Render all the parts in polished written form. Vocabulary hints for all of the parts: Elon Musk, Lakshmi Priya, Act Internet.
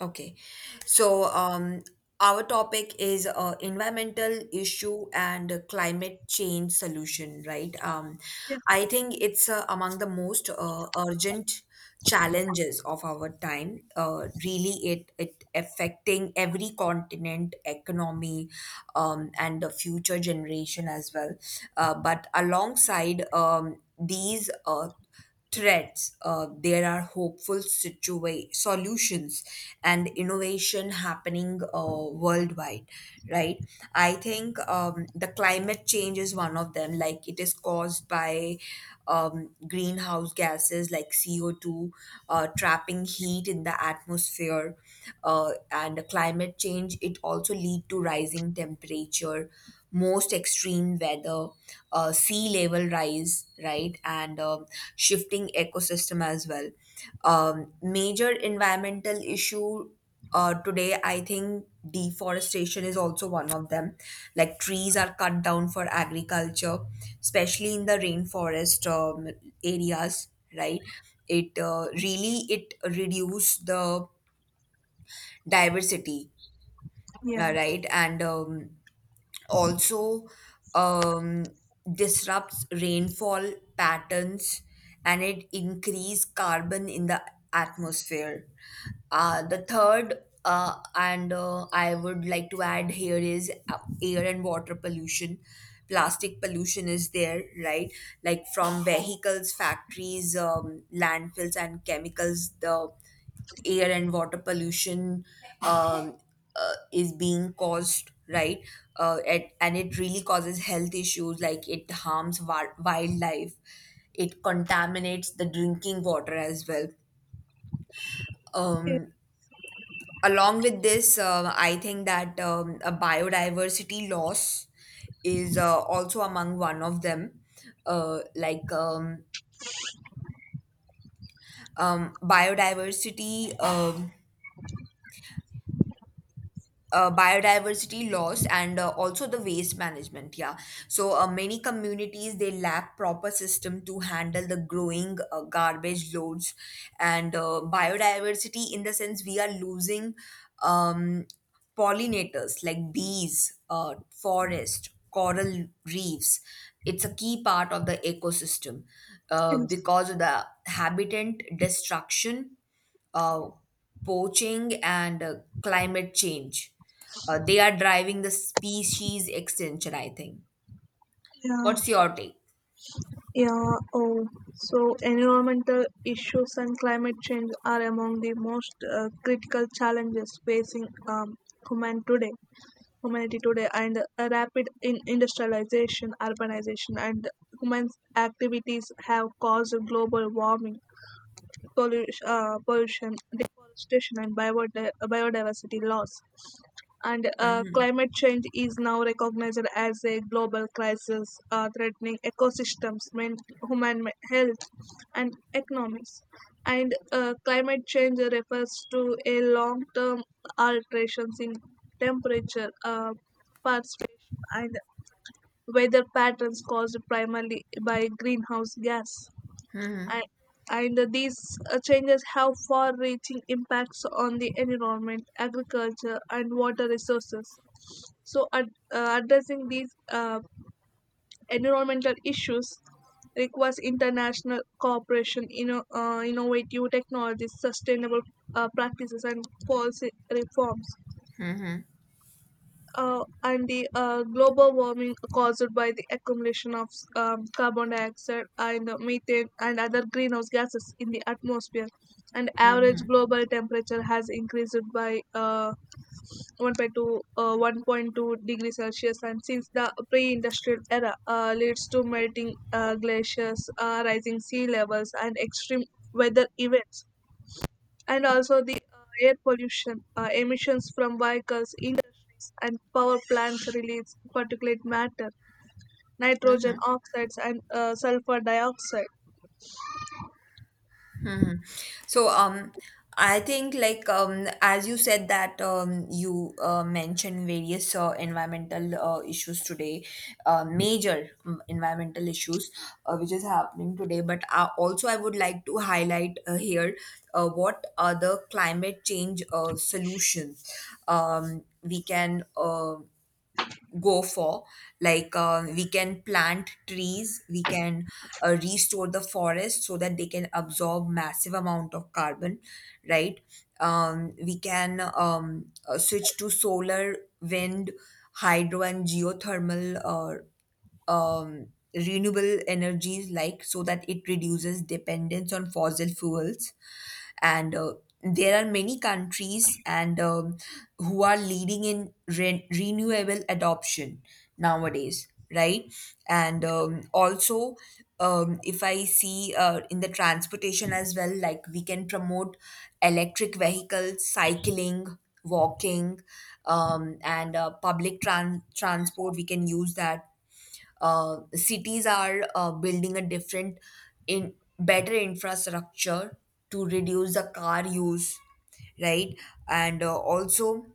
Okay, so um, our topic is environmental issue and climate change solution, right? Yeah, I think it's among the most urgent challenges of our time. Really, it affecting every continent, economy, and the future generation as well. But alongside these. Threats, there are hopeful solutions and innovation happening worldwide, right? I think the climate change is one of them. Like it is caused by greenhouse gases like CO2, trapping heat in the atmosphere, and climate change. It also lead to rising temperature, most extreme weather, sea level rise, right, and shifting ecosystem as well. Major environmental issue today, I think deforestation is also one of them. Like trees are cut down for agriculture, especially in the rainforest areas, right? It really it reduce the diversity, yeah, right? And also um, disrupts rainfall patterns and it increase carbon in the atmosphere. The third and I would like to add here is air and water pollution. Plastic pollution is there, right? Like from vehicles, factories, landfills, and chemicals, the air and water pollution um, is being caused, right? And it really causes health issues like it harms wildlife, it contaminates the drinking water as well. it's, Um, Along with this, I think that a biodiversity loss is also among one of them. Uh, like um, um, biodiversity. Um, Biodiversity loss and also the waste management, yeah, so many communities they lack proper system to handle the growing garbage loads, and biodiversity in the sense we are losing um, pollinators like bees, forest, coral reefs. It's a key part of the ecosystem, it's, because of the habitat destruction, uh, poaching, and climate change. They are driving the species extinction, I think. yeah, What's your take? yeah. Oh, so environmental issues and climate change are among the most critical challenges facing human today, humanity today, and a rapid in industrialization, urbanization, and human activities have caused global warming, pollution, deforestation, and biodiversity loss. And climate change is now recognized as a global crisis threatening ecosystems, human health, and economies. And climate change refers to a long-term alterations in temperature, precipitation, and weather patterns caused primarily by greenhouse gas. And and these changes have far-reaching impacts on the environment, agriculture, and water resources. So, addressing these environmental issues requires international cooperation, innovative technologies, sustainable practices, and policy reforms. And the global warming caused by the accumulation of carbon dioxide and methane and other greenhouse gases in the atmosphere, and average global temperature has increased by 1.2 degrees Celsius, and since the pre-industrial era leads to melting glaciers, rising sea levels, and extreme weather events. And also the air pollution, emissions from vehicles, industries, and power plants release particulate matter, nitrogen oxides, and sulfur dioxide. Hmm. So, I think, like, as you said that you mentioned various environmental issues today, major environmental issues which is happening today. But also, I would like to highlight here what are the climate change solutions we can go for. Like we can plant trees, we can restore the forest so that they can absorb massive amount of carbon, right. We can switch to solar, wind, hydro, and geothermal um, renewable energies, like, so that it reduces dependence on fossil fuels. And there are many countries, and who are leading in renewable adoption nowadays, right. And also, if I see in the transportation as well, like we can promote electric vehicles, cycling, walking, and public transport. We can use that. Cities are building a different, in better infrastructure to reduce the car use, right? And also,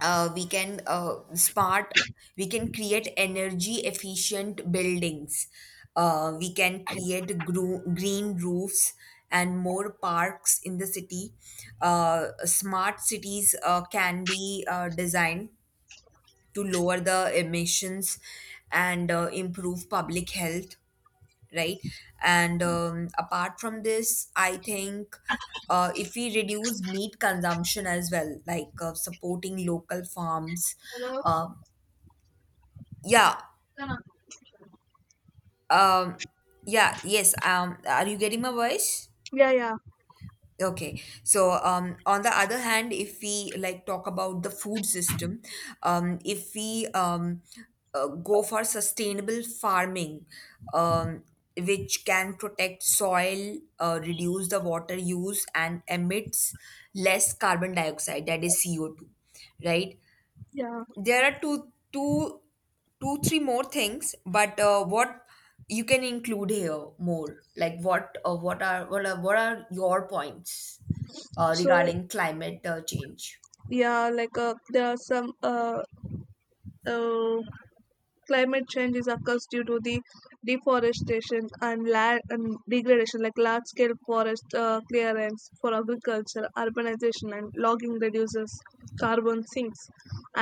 we can smart. we can create energy efficient buildings. We can create green roofs and more parks in the city. Smart cities can be designed to lower the emissions and improve public health, right. And apart from this, I think if we reduce meat consumption as well, like supporting local farms. Hello? uh, yeah um, yeah yes, are you getting my voice? Yeah, yeah, Okay. So, on the other hand, if we, like, talk about the food system, if we go for sustainable farming, um, which can protect soil, reduce the water use, and emits less carbon dioxide, that is CO2, right? yeah. There are two two two three more things, but what you can include here more like what are what are what are your points So regarding climate change? yeah, like there are some uh, climate change is occurs due to the deforestation and land and degradation, like large scale forest clearance for agriculture, urbanization, and logging reduces carbon sinks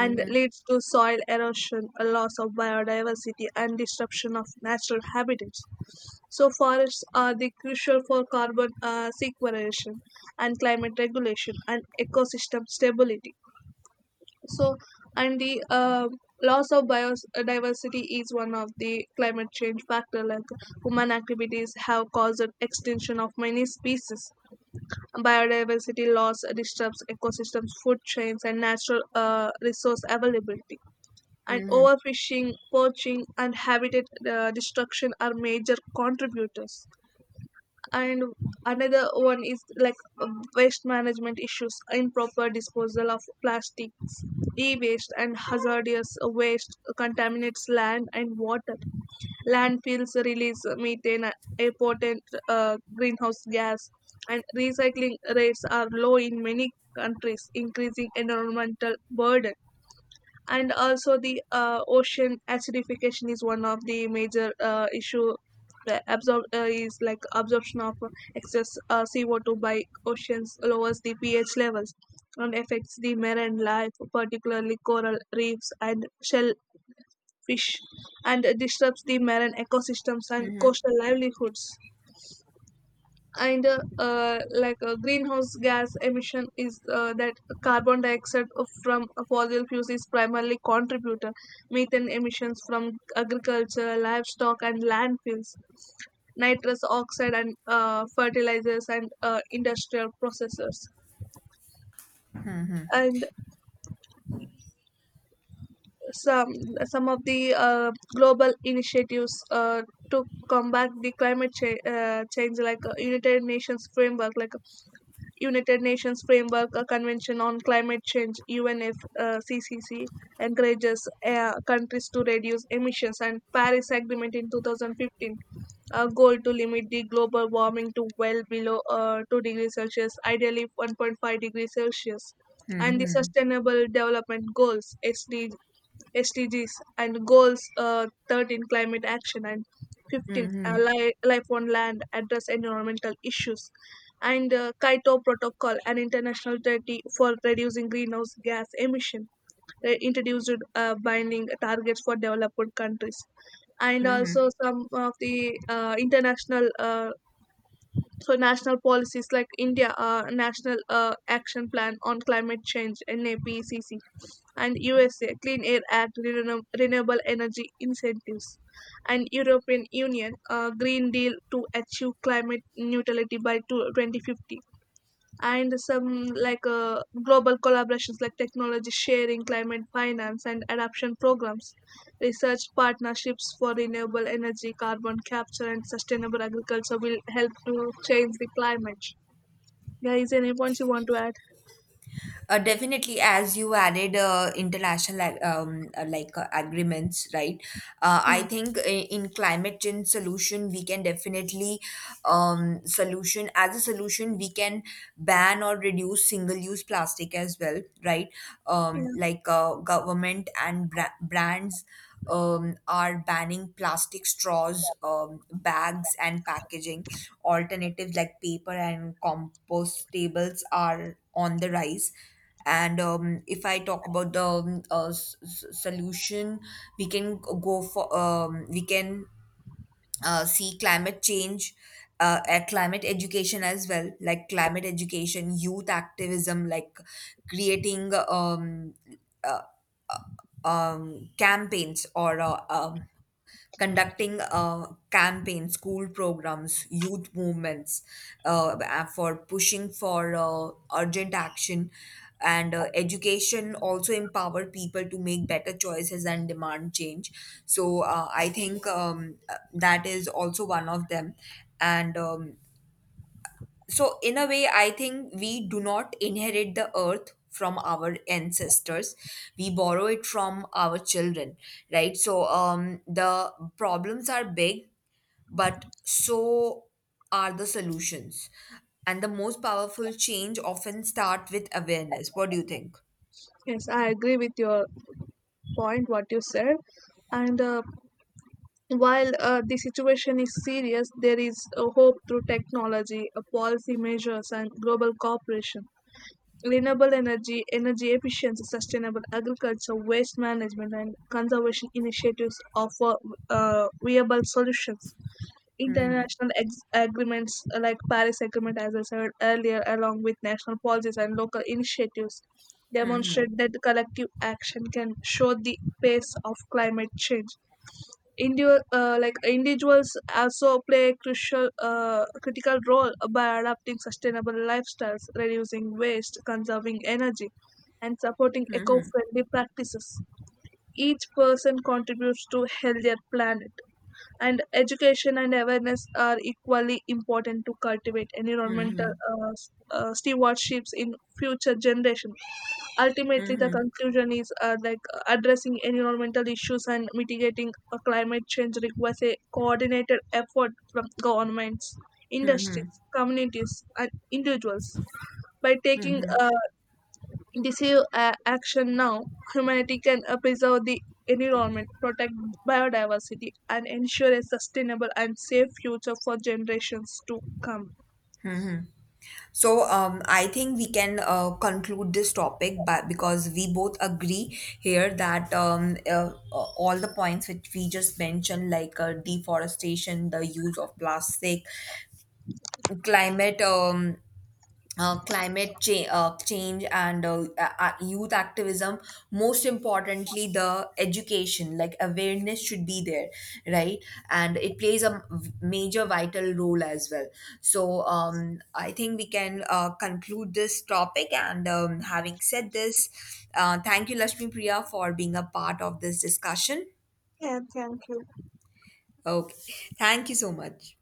and leads to soil erosion, a loss of biodiversity, and disruption of natural habitats. So forests are the crucial for carbon sequestration and climate regulation and ecosystem stability. So, and the loss of biodiversity is one of the climate change factor, like human activities have caused extinction of many species. Biodiversity loss disturbs ecosystems, food chains, and natural resource availability, and overfishing, poaching, and habitat destruction are major contributors. And another one is like uh, waste management issues, improper disposal of plastics, e-waste, and hazardous waste contaminates land and water. Landfills release methane, a potent greenhouse gas, and recycling rates are low in many countries, increasing environmental burden. And also the ocean acidification is one of the major issue. The absorb is like absorption of excess CO2 by oceans lowers the pH levels and affects the marine life, particularly coral reefs and shellfish, and disrupts the marine ecosystems and coastal livelihoods. And like greenhouse gas emission is that carbon dioxide from fossil fuels is primarily contributor, methane emissions from agriculture, livestock, and landfills, nitrous oxide and fertilizers and industrial processors. And some some of the global initiatives to combat the change, like United Nations Framework Convention on Climate Change (UNFCCC) encourages countries to reduce emissions, and Paris Agreement in 2015, a goal to limit the global warming to well below 2 degrees Celsius, ideally 1.5 degrees Celsius, and the Sustainable Development Goals, SDGs, and goals 13 climate action and 15 life on land address environmental issues. And Kyoto Protocol, an international treaty for reducing greenhouse gas emission, introduced binding targets for developed countries. And also some of the international so national policies, like India national action plan on climate change, NAPCC, and USA Clean Air Act, renewable energy incentives, and European Union Green Deal to achieve climate neutrality by 2050, and some like global collaborations like technology sharing, climate finance, and adaptation programs, research partnerships for renewable energy, carbon capture, and sustainable agriculture will help to change the climate. Guys, any points you want to add? Definitely, as you added international agreements, right? I Mm, think in climate change solution, we can definitely solution as a solution, we can ban or reduce single use plastic as well, right? yeah. Like government and brands are banning plastic straws, bags, and packaging. Alternatives like paper and compostables are on the rise. And if I talk about the solution, we can go for we can see climate change. Climate education as well, like climate education, youth activism, like creating uh, campaigns, or conducting campaigns, school programs, youth movements, for pushing for urgent action. And education also empower people to make better choices and demand change. So I think that is also one of them. And so, in a way, I think we do not inherit the earth from our ancestors. We borrow it from our children, right? So, the problems are big, but so are the solutions. And the most powerful change often start with awareness. What do you think? Yes, I agree with your point what you said. And while the situation is serious, there is a hope through technology, policy measures, and global cooperation. Renewable energy, energy efficiency, sustainable agriculture, waste management, and conservation initiatives offer viable solutions. International agreements like Paris Agreement, as I said earlier, along with national policies and local initiatives, demonstrate that collective action can show the pace of climate change. Like individuals also play a crucial, critical role by adopting sustainable lifestyles, reducing waste, conserving energy, and supporting eco-friendly practices. Each person contributes to healthier planet, and education and awareness are equally important to cultivate environmental stewardships in future generations. Ultimately, the conclusion is like addressing environmental issues and mitigating climate change requires a coordinated effort from governments, industries, communities, and individuals. By Hmm. taking decisive action now, humanity can preserve the environment, protect biodiversity, and ensure a sustainable and safe future for generations to come. So, I think we can conclude this topic, but because we both agree here that all the points which we just mentioned, like deforestation, the use of plastic, climate change, and youth activism, most importantly the education, like awareness should be there, right, and it plays a major vital role as well. So I think we can conclude this topic, and having said this, thank you, Lakshmi Priya, for being a part of this discussion. Yeah, thank you. Okay, thank you so much.